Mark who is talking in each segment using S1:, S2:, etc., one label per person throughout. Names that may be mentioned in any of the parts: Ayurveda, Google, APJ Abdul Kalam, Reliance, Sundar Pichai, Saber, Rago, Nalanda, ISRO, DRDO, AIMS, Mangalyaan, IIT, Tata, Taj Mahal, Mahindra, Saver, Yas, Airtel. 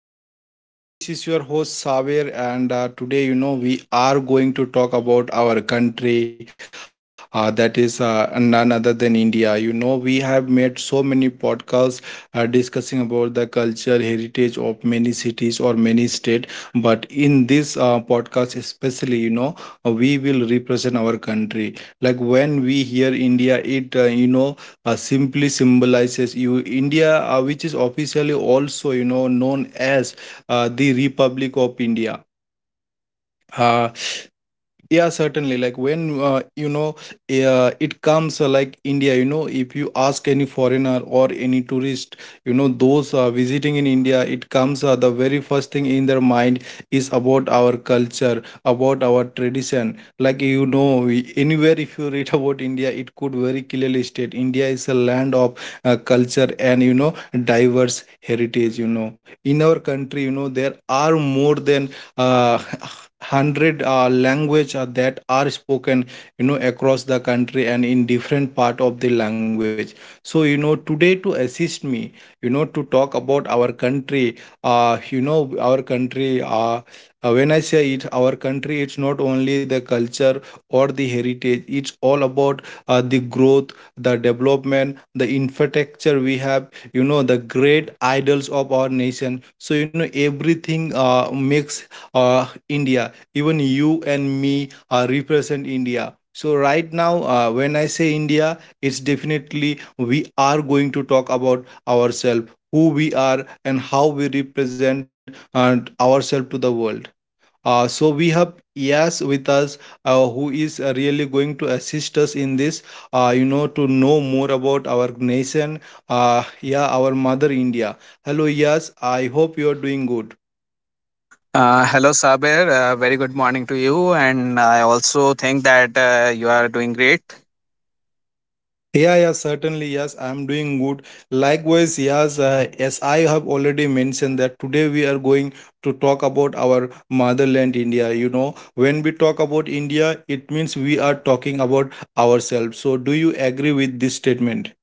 S1: viewers. This is your host Saver, and today, we are going to talk about our country, that is none other than India. You know, we have made so many podcasts discussing about the culture, heritage of many cities or many state. But in this podcast, especially, we will represent our country. Like when we hear India, it simply symbolizes you India, which is officially also known as the Republic of India. Uh, yeah, certainly. Like when it comes like India. You know, if you ask any foreigner or any tourist, you know, those visiting in India, it comes the very first thing in their mind is about our culture, about our tradition. Like you know, anywhere if you read about India, it could very clearly state India is a land of culture and diverse heritage. You know, in our country, you know, there are more than uh, hundred language that are spoken across the country and in different part of the language. So you know, today, to assist me, to talk about our country, uh, you know our country uh, when I say it our country, it's not only the culture or the heritage, it's all about the growth, the development, the infrastructure we have, you know, the great idols of our nation. So you know, everything makes India. Even you and me represent India. So right now, when I say India, it's definitely we are going to talk about ourselves, who we are, and how we represent and ourselves to the world. So we have Yas with us, who is really going to assist us in this. You know, to know more about our nation. Yeah, our mother India. Hello, Yas. I hope you are doing good.
S2: Hello, Saber. Very good morning to you. And I also think that you are doing great.
S1: Yeah, yeah, certainly. Yes, I'm doing good. Likewise, yes, as I have already mentioned that today we are going to talk about our motherland, India. You know, when we talk about India, it means we are talking about ourselves. So, do you agree with this statement?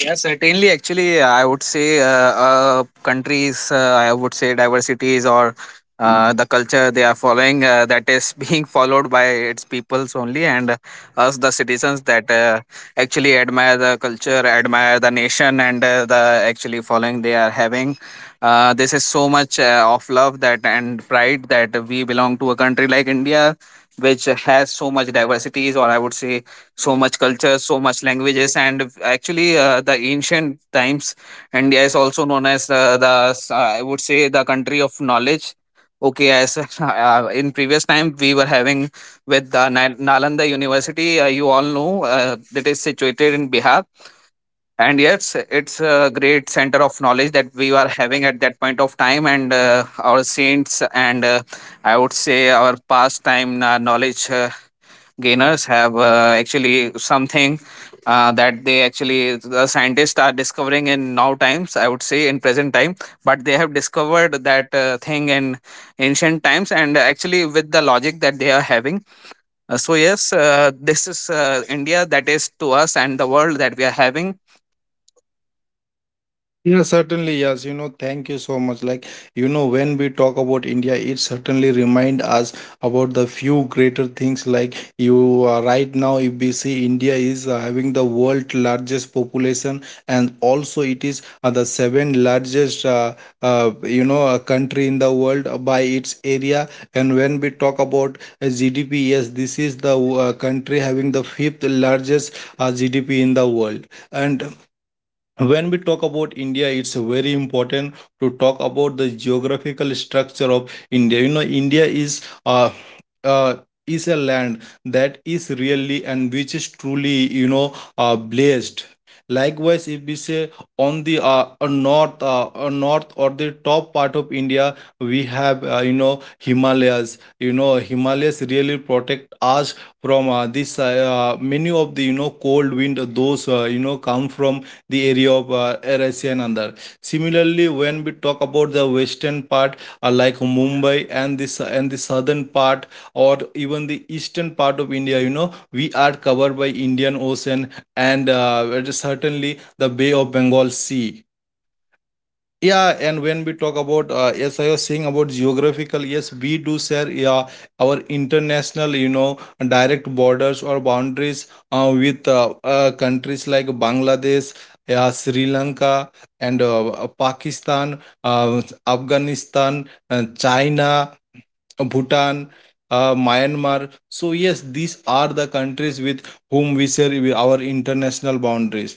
S2: Yeah, certainly. Actually, I would say countries, I would say diversities or the culture they are following that is being followed by its peoples only, and us, the citizens that actually admire the culture, admire the nation, and the actually following they are having. This is so much of love that and pride that we belong to a country like India, which has so much diversities, or I would say so much culture so much languages. And actually the ancient times, India is also known as I would say the country of knowledge. Okay, as in previous time we were having with the Nalanda University, you all know, that is situated in Bihar. And yes, it's a great center of knowledge that we were having at that point of time. And our saints and I would say our pastime knowledge gainers have actually something that they actually the scientists are discovering in now times, I would say in present time, but they have discovered that thing in ancient times and actually with the logic that they are having. So yes, this is India that is to us and the world that we are having.
S1: Yeah, certainly, yes. You know, thank you so much. Like, you know, when we talk about India, it certainly remind us about the few greater things. Like, you right now, if we see India is having the world largest population, and also it is the seven largest, country in the world by its area. And when we talk about GDP, yes, this is the country having the fifth largest GDP in the world. And when we talk about India, it's very important to talk about the geographical structure of India. You know, India uh is a land that is really and which is truly, blessed. Likewise, if we say on the north, north or the top part of India, we have Himalayas. You know, Himalayas really protect us from this many of the, cold wind those come from the area of Eurasia and other. Similarly, when we talk about the western part, like Mumbai and this, and the southern part or even the eastern part of India, you know, we are covered by Indian Ocean and certainly the Bay of Bengal Sea. Yeah, and when we talk about, yes, I was saying about geographical, yes, we do share, yeah, our international, you know, direct borders or boundaries with countries like Bangladesh, yeah, Sri Lanka, and Pakistan, Afghanistan, China, Bhutan. Myanmar. So yes, these are the countries with whom we share our international boundaries.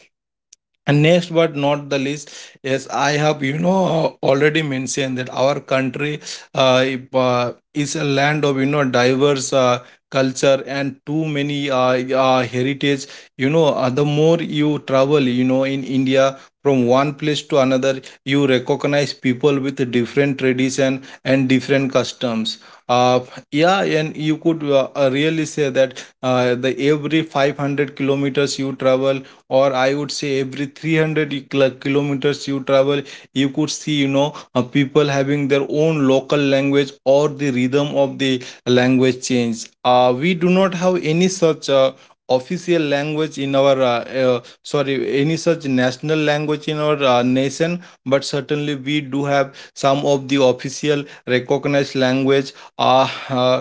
S1: And next but not the least, yes, I have already mentioned that our country, if, is a land of, diverse culture and too many heritage. You know, the more you travel, you know, in India from one place to another, you recognize people with different tradition and different customs. Uh, yeah, and you could really say that the every 500 kilometers you travel, or I would say every 300 kilometers you travel, you could see, people having their own local language or the rhythm of the language change. Uh, we do not have any such official language in our sorry, any such national language in our nation, but certainly we do have some of the official recognized language, uh, uh,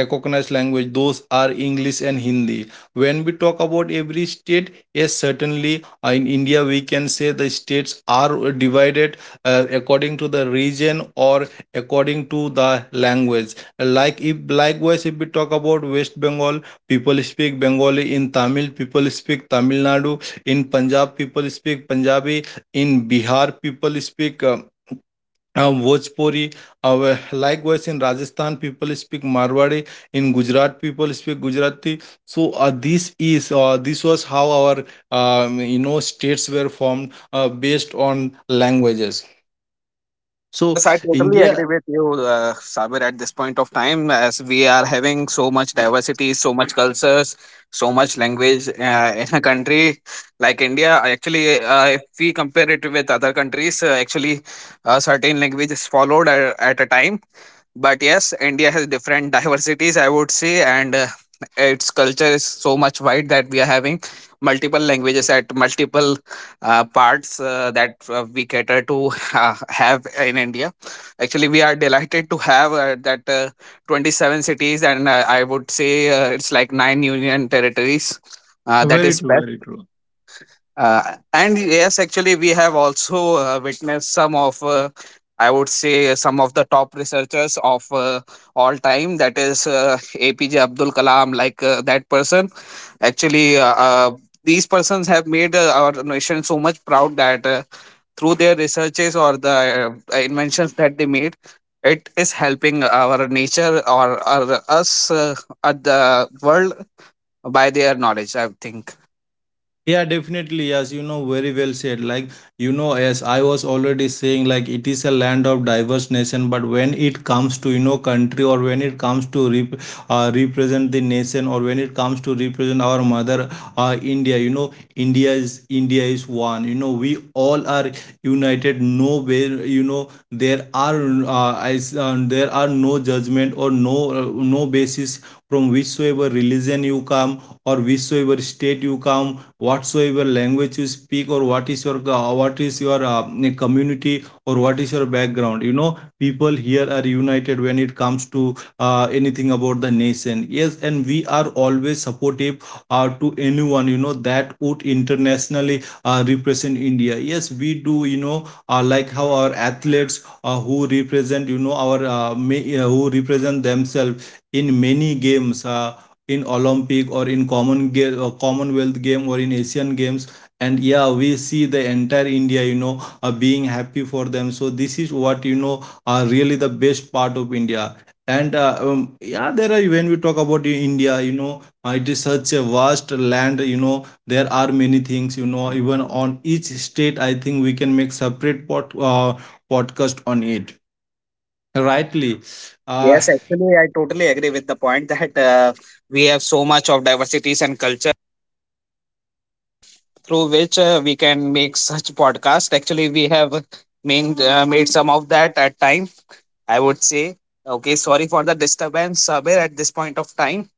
S1: recognized language. Those are English and Hindi. When we talk about every state. Yes, certainly. In India, we can say the states are divided according to the region or according to the language. Likewise, if we talk about West Bengal, people speak Bengali. In Tamil, people speak Tamil Nadu. In Punjab, people speak Punjabi. In Bihar, people speak. Bhojpuri. Likewise, in Rajasthan, people speak Marwari. In Gujarat, people speak Gujarati. So this was how our you know, states were formed based on languages. So
S2: Yes, I totally agree
S1: India.
S2: with you, Sabir, at this point of time, as we are having so much diversity, so much cultures, so much language in a country like India. Actually, if we compare it with other countries, certain language is followed at a time. But yes, India has different diversities, I would say, and its culture is so much wide that we are having multiple languages at multiple parts that we cater to have in India. Actually, we are delighted to have that 27 cities and I would say it's like nine union territories that
S1: Very
S2: is
S1: true,
S2: spread.
S1: very true.
S2: And yes, actually, we have also witnessed some of, I would say, some of the top researchers of all time. That is APJ Abdul Kalam, like that person. Actually, these persons have made our nation so much proud that through their researches or the inventions that they made, it is helping our nature or us at the world by their knowledge, I think.
S1: Yeah, definitely. Yes, you know, very well said. Like, you know, as I was already saying, like, it is a land of diverse nation, but when it comes to, you know, country or when it comes to represent the nation or when it comes to represent our mother, India, you know, India is one, you know, we all are united. No, way, you know, there are, there are no judgment or no, uh, no basis from whichsoever religion you come or whichsoever state you come, whatsoever language you speak, or what is your community, or what is your background. You know, people here are united when it comes to anything about the nation. Yes, and we are always supportive to anyone, you know, that would internationally represent India. Yes, we do, you know, like how our athletes who represent, you know, our who represent themselves in many games, in Olympic or in common game, Commonwealth game, or in Asian games, and yeah, we see the entire India, you know, being happy for them. So this is what, you know, are really the best part of India. And yeah, there are, when we talk about India, you know, it is such a vast land, you know, there are many things, you know, even on each state, I think we can make separate podcast on it, rightly. uh
S2: Yes, actually, I totally agree with the point that we have so much of diversities and culture, and through which we can make such podcast. Actually, we have made some of that at time. I would say, okay, sorry for the disturbance, Sabir, at this point of time.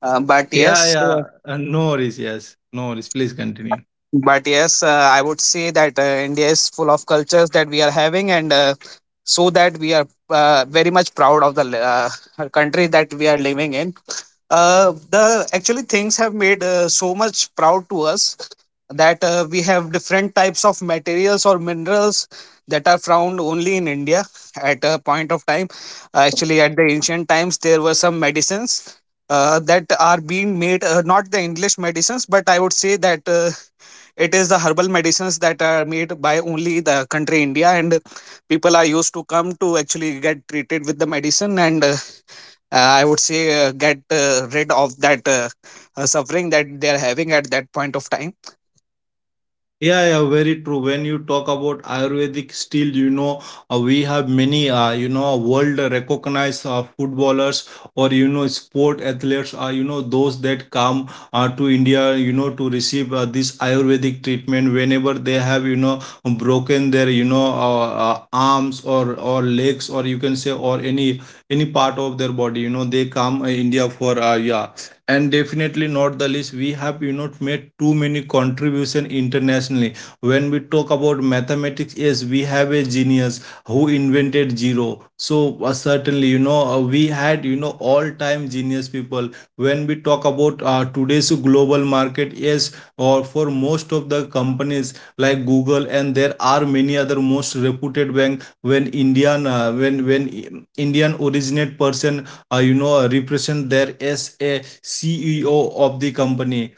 S2: Uh, but
S1: yeah
S2: yes,
S1: yeah no worries, yes, no worries, please continue.
S2: but yes, I would say that India is full of cultures that we are having, and so that we are very much proud of the country that we are living in. The actually things have made so much proud to us that we have different types of materials or minerals that are found only in India at a point of time. Actually, at the ancient times, there were some medicines that are being made, not the English medicines, but I would say that it is the herbal medicines that are made by only the country India. And people are used to come to actually get treated with the medicine and I would say get rid of that suffering that they are having at that point of time.
S1: Yeah, yeah, very true. When you talk about Ayurvedic steel, you know, we have many, you know, world recognized footballers or, you know, sport athletes are, you know, those that come to India, you know, to receive this Ayurvedic treatment whenever they have, you know, broken their, you know, arms or legs, or you can say, or any part of their body, you know, they come India for, yeah. And definitely not the least, we have, you know, made too many contribution internationally. When we talk about mathematics, yes, we have a genius who invented zero. So certainly, you know, we had, you know, all time genius people. When we talk about today's global market, yes, or for most of the companies like Google, and there are many other most reputed bank, when indian when Indian originate person you know, represent there as a CEO of the company.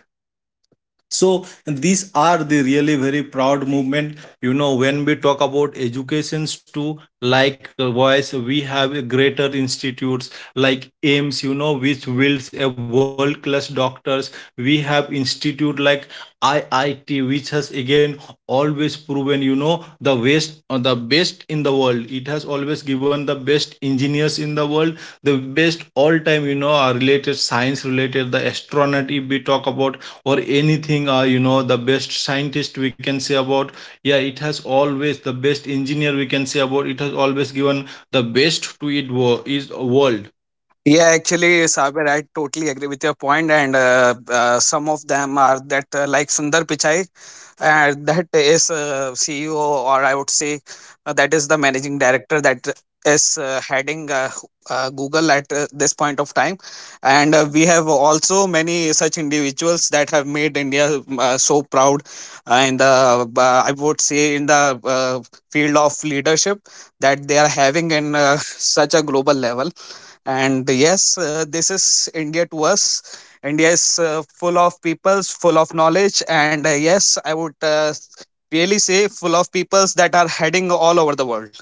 S1: So these are the really very proud movement, you know. When we talk about educations too, like we have a greater institutes like AIMS, you know, which builds a world class doctors. We have institute like IIT, which has again always proven, you know, the best in the world. It has always given the best engineers in the world, the best all time, you know, are related science related. The astronaut, if we talk about, or anything, you know, the best scientist we can say about. Yeah, it has always the best engineer we can say about, it has always given the best to is world.
S2: Yeah, actually, Saber, I totally agree with your point. And some of them are that like Sundar Pichai, that is CEO, or I would say that is the managing director that is heading Google at this point of time. And we have also many such individuals that have made India so proud in the, uh, I would say, in the field of leadership that they are having in such a global level. And yes, this is India to us. India is full of peoples, full of knowledge, and yes, I would really say full of peoples that are heading all over the world.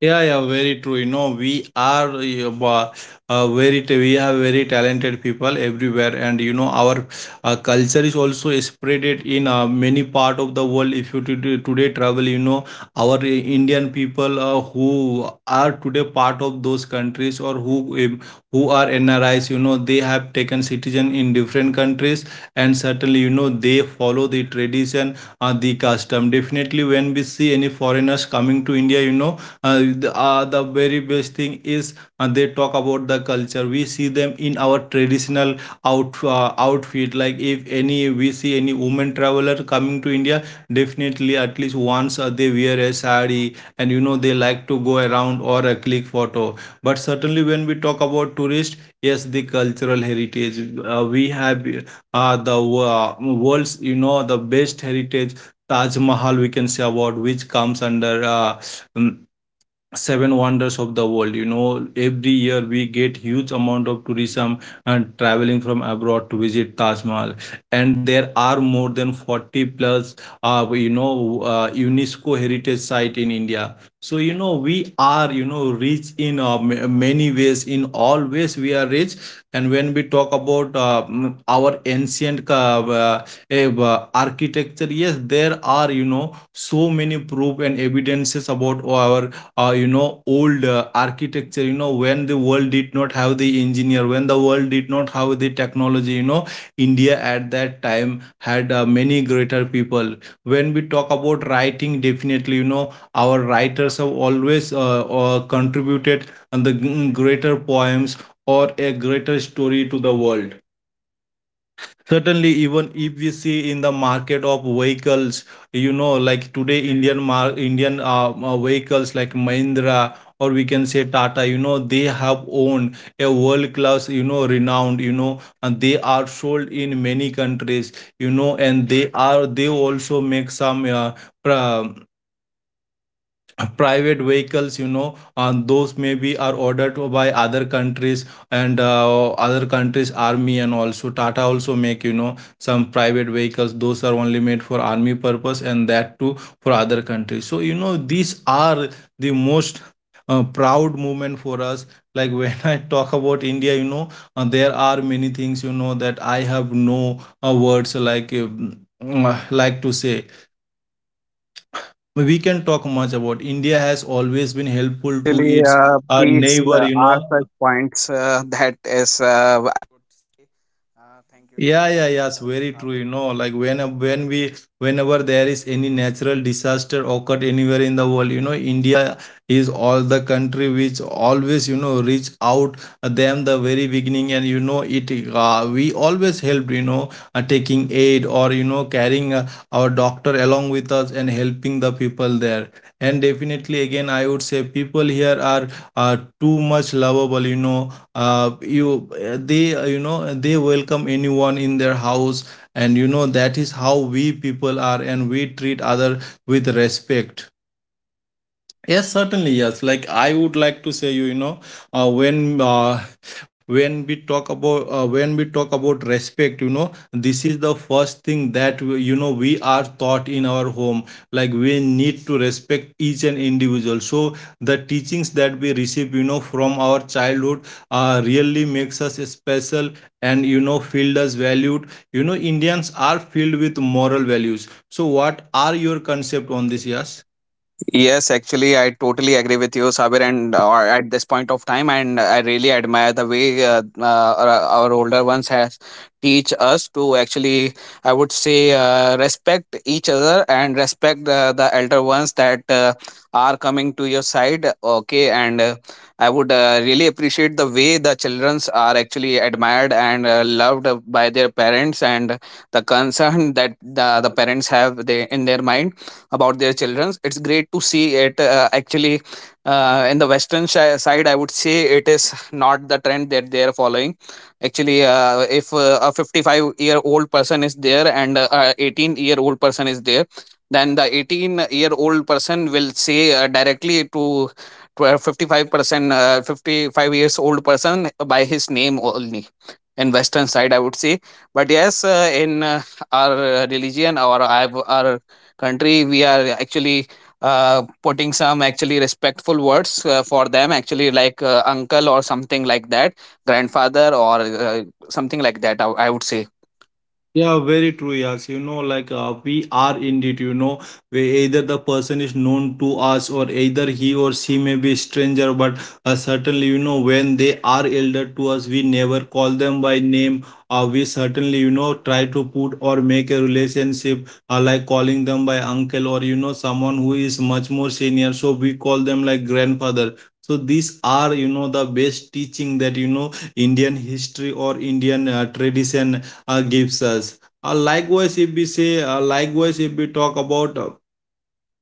S1: Yeah, yeah, very true. You know, we are we have very talented people everywhere, and you know our culture is also spreaded in many part of the world. If today travel, you know our Indian people who are today part of those countries or um, who are NRIs. You know, they have taken citizen in different countries, and certainly you know they follow the tradition, the custom. Definitely, when we see any foreigners coming to India, you know the very best thing is they talk about the culture. We see them in our traditional outfit. Like if any, we see any woman traveler coming to India, definitely at least once they wear a sari, and you know they like to go around or a click photo. But certainly when we talk about tourists, yes, the cultural heritage we have, the world's, you know, the best heritage, Taj Mahal, we can say about, which comes under mm, seven wonders of the world. You know, every year we get huge amount of tourism and traveling from abroad to visit Taj Mahal, and there are more than 40 plus you know UNESCO heritage site in India. So you know we are, you know, rich in many ways, in all ways we are rich. And when we talk about our ancient eh, architecture, yes, there are, you know, so many proof and evidences about our you know old architecture. You know, when the world did not have the engineer, when the world did not have the technology, you know, India at that time had many greater people. When we talk about writing, definitely you know our writers have always contributed on the greater poems or a greater story to the world. Certainly, even if we see in the market of vehicles, you know, like today, Indian vehicles like Mahindra or we can say Tata, you know, they have owned a world class, you know, renowned, you know, and they are sold in many countries, you know, and they also make some pra- private vehicles, you know, and those maybe are ordered by other countries and other countries army. And also Tata also make, you know, some private vehicles, those are only made for army purpose and that too for other countries. So you know these are the most proud moment for us, like when I talk about India. You know, there are many things, you know, that I have no words, like like to say. We can talk much about India has always been
S2: Yes,
S1: helpful to
S2: actually,
S1: its
S2: these
S1: neighbor, you know.
S2: are such points that is
S1: Yeah, yeah, yeah. It's very true. You know, like when we, whenever there is any natural disaster occurred anywhere in the world, you know, India is all the country which always you know reach out them the very beginning, and you know it. We always helped. You know, taking aid or you know carrying our doctor along with us and helping the people there. And definitely, again, I would say people here are too much lovable. You know, you know they welcome anyone in their house, and you know that is how we people are, and we treat other with respect. Yes, certainly. Yes, like I would like to say, you know, uh, when uh, when we talk about respect, you know, this is the first thing that you know we are taught in our home. Like we need to respect each and individual. So the teachings that we receive, you know, from our childhood, really makes us special and you know feel us valued. You know, Indians are filled with moral values. So, what are your concept on this? Yes.
S2: Yes, actually, I totally agree with you, Sabir. And at this point of time, and I really admire the way our older ones has teach us to actually, I would say, respect each other and respect the elder ones that are coming to your side. Okay, and I would really appreciate the way the childrens are actually admired and loved by their parents. And the concern that the parents have they, in their mind about their children, it's great to see it actually in the western shi side, I would say, it is not the trend that they are following. Actually, if a 55-year-old person is there and a 18-year-old person is there, then the 18-year-old person will say directly to 55 years old person by his name only, in western side, I would say. But yes, in our religion or our country, we are actually putting some actually respectful words for them actually, like uncle or something like that, grandfather or something like that, I would say.
S1: Yeah, very true. Yes, you know, like we are indeed, you know, we either the person is known to us or either he or she may be stranger, but certainly, you know, when they are elder to us, we never call them by name. We certainly, you know, try to put or make a relationship like calling them by uncle or, you know, someone who is much more senior. So we call them like grandfather. So these are, you know, the best teaching that, you know, Indian history or Indian tradition gives us. Likewise, if we talk about uh,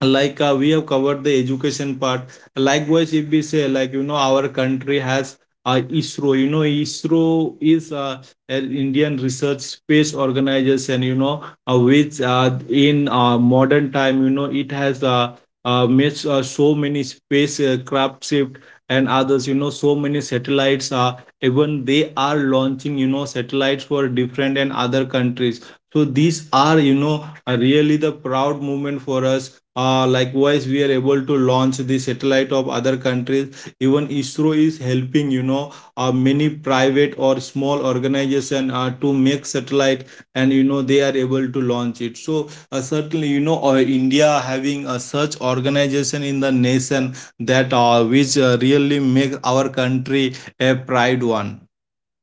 S1: like uh, we have covered the education part. Likewise, if we say, like, you know, our country has ISRO. You know, ISRO is an Indian research space organization. You know, which in modern time, you know, it has made so many space craft shift and others. You know, so many satellites are even they are launching, you know, satellites for different and other countries. So these are, you know, are really the proud moment for us. Likewise, we are able to launch the satellite of other countries. Even ISRO is helping, you know, many private or small organization to make satellite, and you know they are able to launch it. So certainly, you know, India having a such organization in the nation that which really make our country a pride one.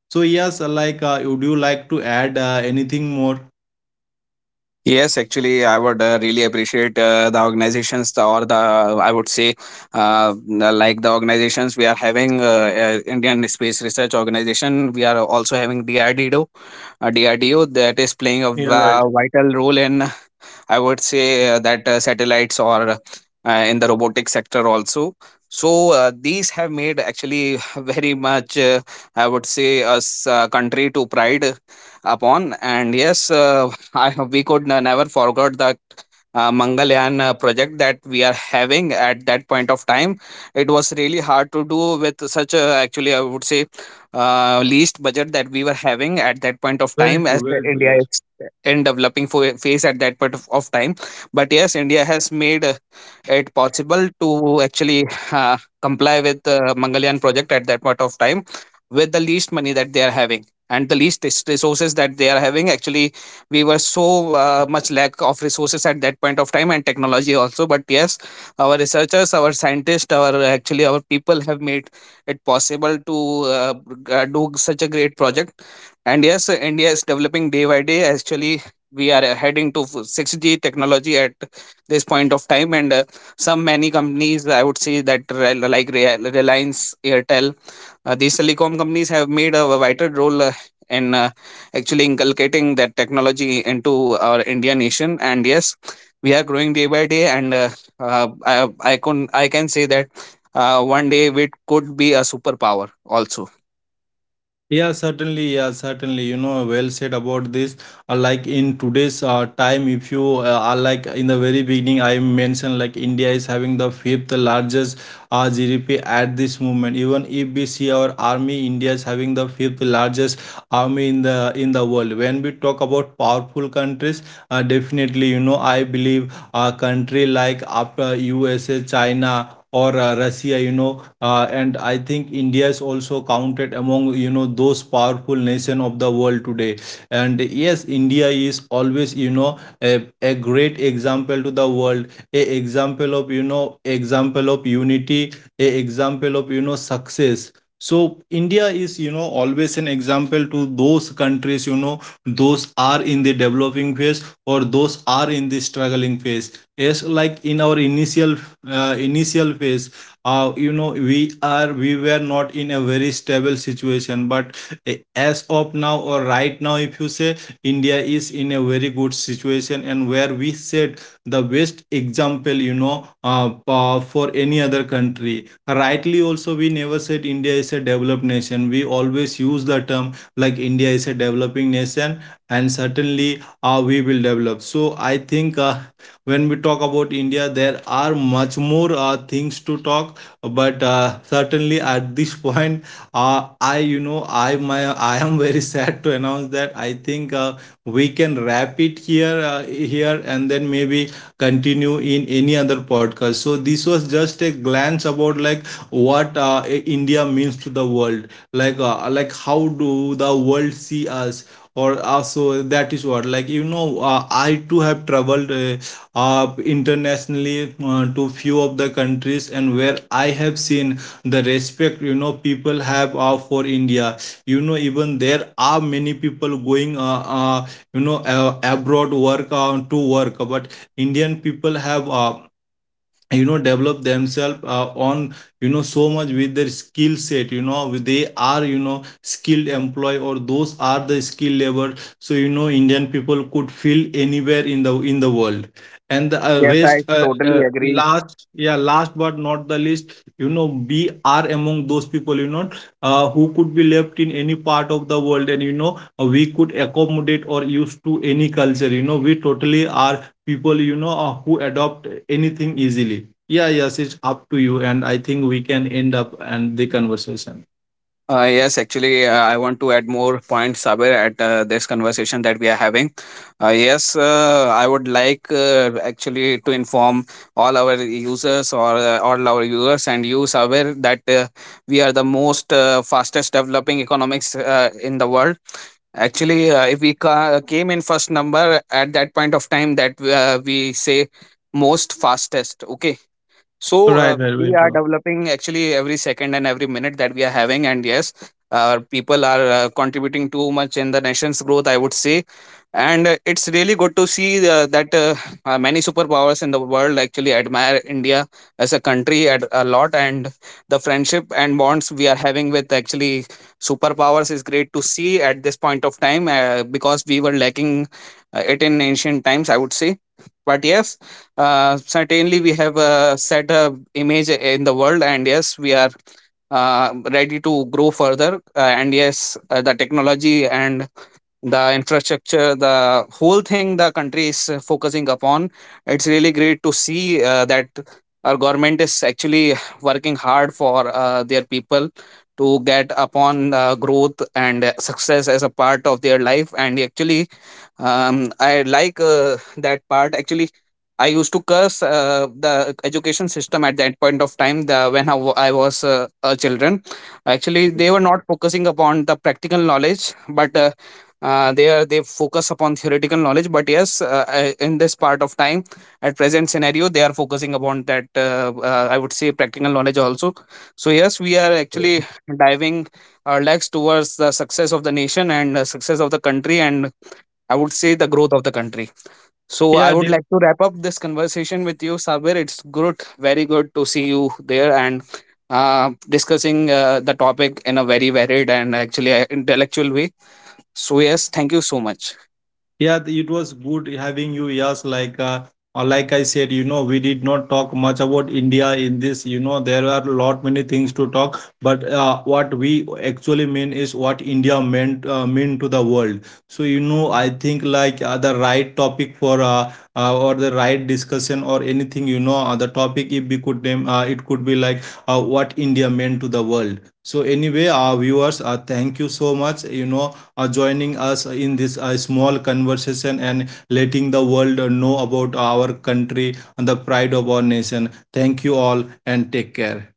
S1: So yes, would you like to add anything more?
S2: Yes, actually, I would really appreciate the organizations, or the, I would say, uh, like the organizations we are having, Indian Space Research Organization. We are also having DRDO that is playing a vital role in, I would say, that satellites or in the robotic sector also. So these have made actually very much, I would say, us country to pride upon. And yes, I we could never forget that Mangalyaan project that we are having at that point of time. It was really hard to do with such a actually, I would say, least budget that we were having at that point of
S1: Very
S2: time, as
S1: true, very true.
S2: India
S1: Yes.
S2: is in developing phase at that point of time. But yes, India has made it possible to actually comply with the Mangalyaan project at that point of time, with the least money that they are having and the resources that they are having actually. We were so much lack of resources at that point of time, and technology also. But yes, our researchers, our scientists, our actually our people have made it possible to uh, do such a great project. And yes, India is developing day by day. Actually, we are heading to 6G technology at this point of time, and some many companies, I would say, that like Reliance, Airtel, these telecom companies have made a vital role in actually inculcating that technology into our Indian nation. And yes, we are growing day by day, and I can say that one day we could be a superpower also.
S1: Yeah, certainly. Yeah, certainly. You know, well said about this. Like in today's time, if you are, like in the very beginning, I mentioned like India is having the fifth largest GDP at this moment. Even if we see our army, India is having the fifth largest army in the world. When we talk about powerful countries, definitely, you know, I believe a country like after USA, China, or Russia, you know, and I think India is also counted among, you know, those powerful nation of the world today. And yes, India is always, you know, a great example to the world, a example of, you know, example of unity, a example of, you know, success. So India is, you know, always an example to those countries, you know, those are in the developing phase or those are in the struggling phase. Yes, like in our initial initial phase, you know, we were not in a very stable situation, but as of now or right now, if you say, India is in a very good situation, and where we said the best example, you know, for any other country rightly also. We never said India is a developed nation, we always use the term like India is a developing nation, and certainly we will develop. So I think when we talk about India there are much more things to talk, but certainly at this point I, you know I my I am very sad to announce that I think we can wrap it here, and then maybe continue in any other podcast. So this was just a glance about like what India means to the world, like how do the world see us, or also that is what, like, you know, I too have traveled internationally to few of the countries, and where I have seen the respect, you know, people have for India. You know, even there are many people going you know abroad work to work, but Indian people have you know develop themselves on, you know, so much with their skill set. You know, they are, you know, skilled employee or those are the skilled labor. So, you know, Indian people could feel anywhere in the world. And the uh,
S2: Yes,
S1: rest
S2: I
S1: uh,
S2: totally
S1: uh,
S2: agree.
S1: last, yeah, last but not the least, you know, we are among those people, you know, who could be left in any part of the world, and you know we could accommodate or used to any culture. You know, we totally are people, you know, who adopt anything easily. Yeah, yes, it's up to you, and I think we can end up and the conversation.
S2: Yes, actually, I want to add more points, Sabir, at this conversation that we are having. Yes, I would like actually to inform all our users or all our viewers and you, Sabir, that we are the most fastest developing economics in the world. Actually, if we came in first number at that point of time, that we say most fastest. Okay, so
S1: Right, right, very
S2: we are
S1: true.
S2: developing actually every second and every minute that we are having. And yes, people are contributing too much in the nation's growth, I would say. And it's really good to see that many superpowers in the world actually admire India as a country at a lot. And the friendship and bonds we are having with actually superpowers is great to see at this point of time, because we were lacking it in ancient times, I would say. But yes, certainly we have set a image in the world. And yes, we are ready to grow further. And yes, the technology and the infrastructure, the whole thing the country is focusing upon, it's really great to see that our government is actually working hard for their people to get upon growth and success as a part of their life. And actually, I like that part actually. I used to curse the education system at that point of time, when I I was a children. Actually, they were not focusing upon the practical knowledge, but they focus upon theoretical knowledge. But yes, in this part of time, at present scenario, they are focusing upon that I would say practical knowledge also. So yes, we are actually diving our legs towards the success of the nation and success of the country and I would say the growth of the country. So I
S1: Yeah.
S2: would like to wrap up this conversation with you, Sabir. It's good, very good to see you there and discussing the topic in a very varied and actually intellectual way. So yes, thank you so much.
S1: Yeah, it was good having you. Yes, like I said, you know, we did not talk much about India in this. You know, there are a lot many things to talk, but what we actually mean is what India mean to the world. So you know, I think like the right topic for or the right discussion or anything. You know, the topic if we could name, it could be like what India meant to the world. So anyway, our viewers, thank you so much. You know, joining us in this small conversation and letting the world know about our country and the pride of our nation. Thank you all and take care.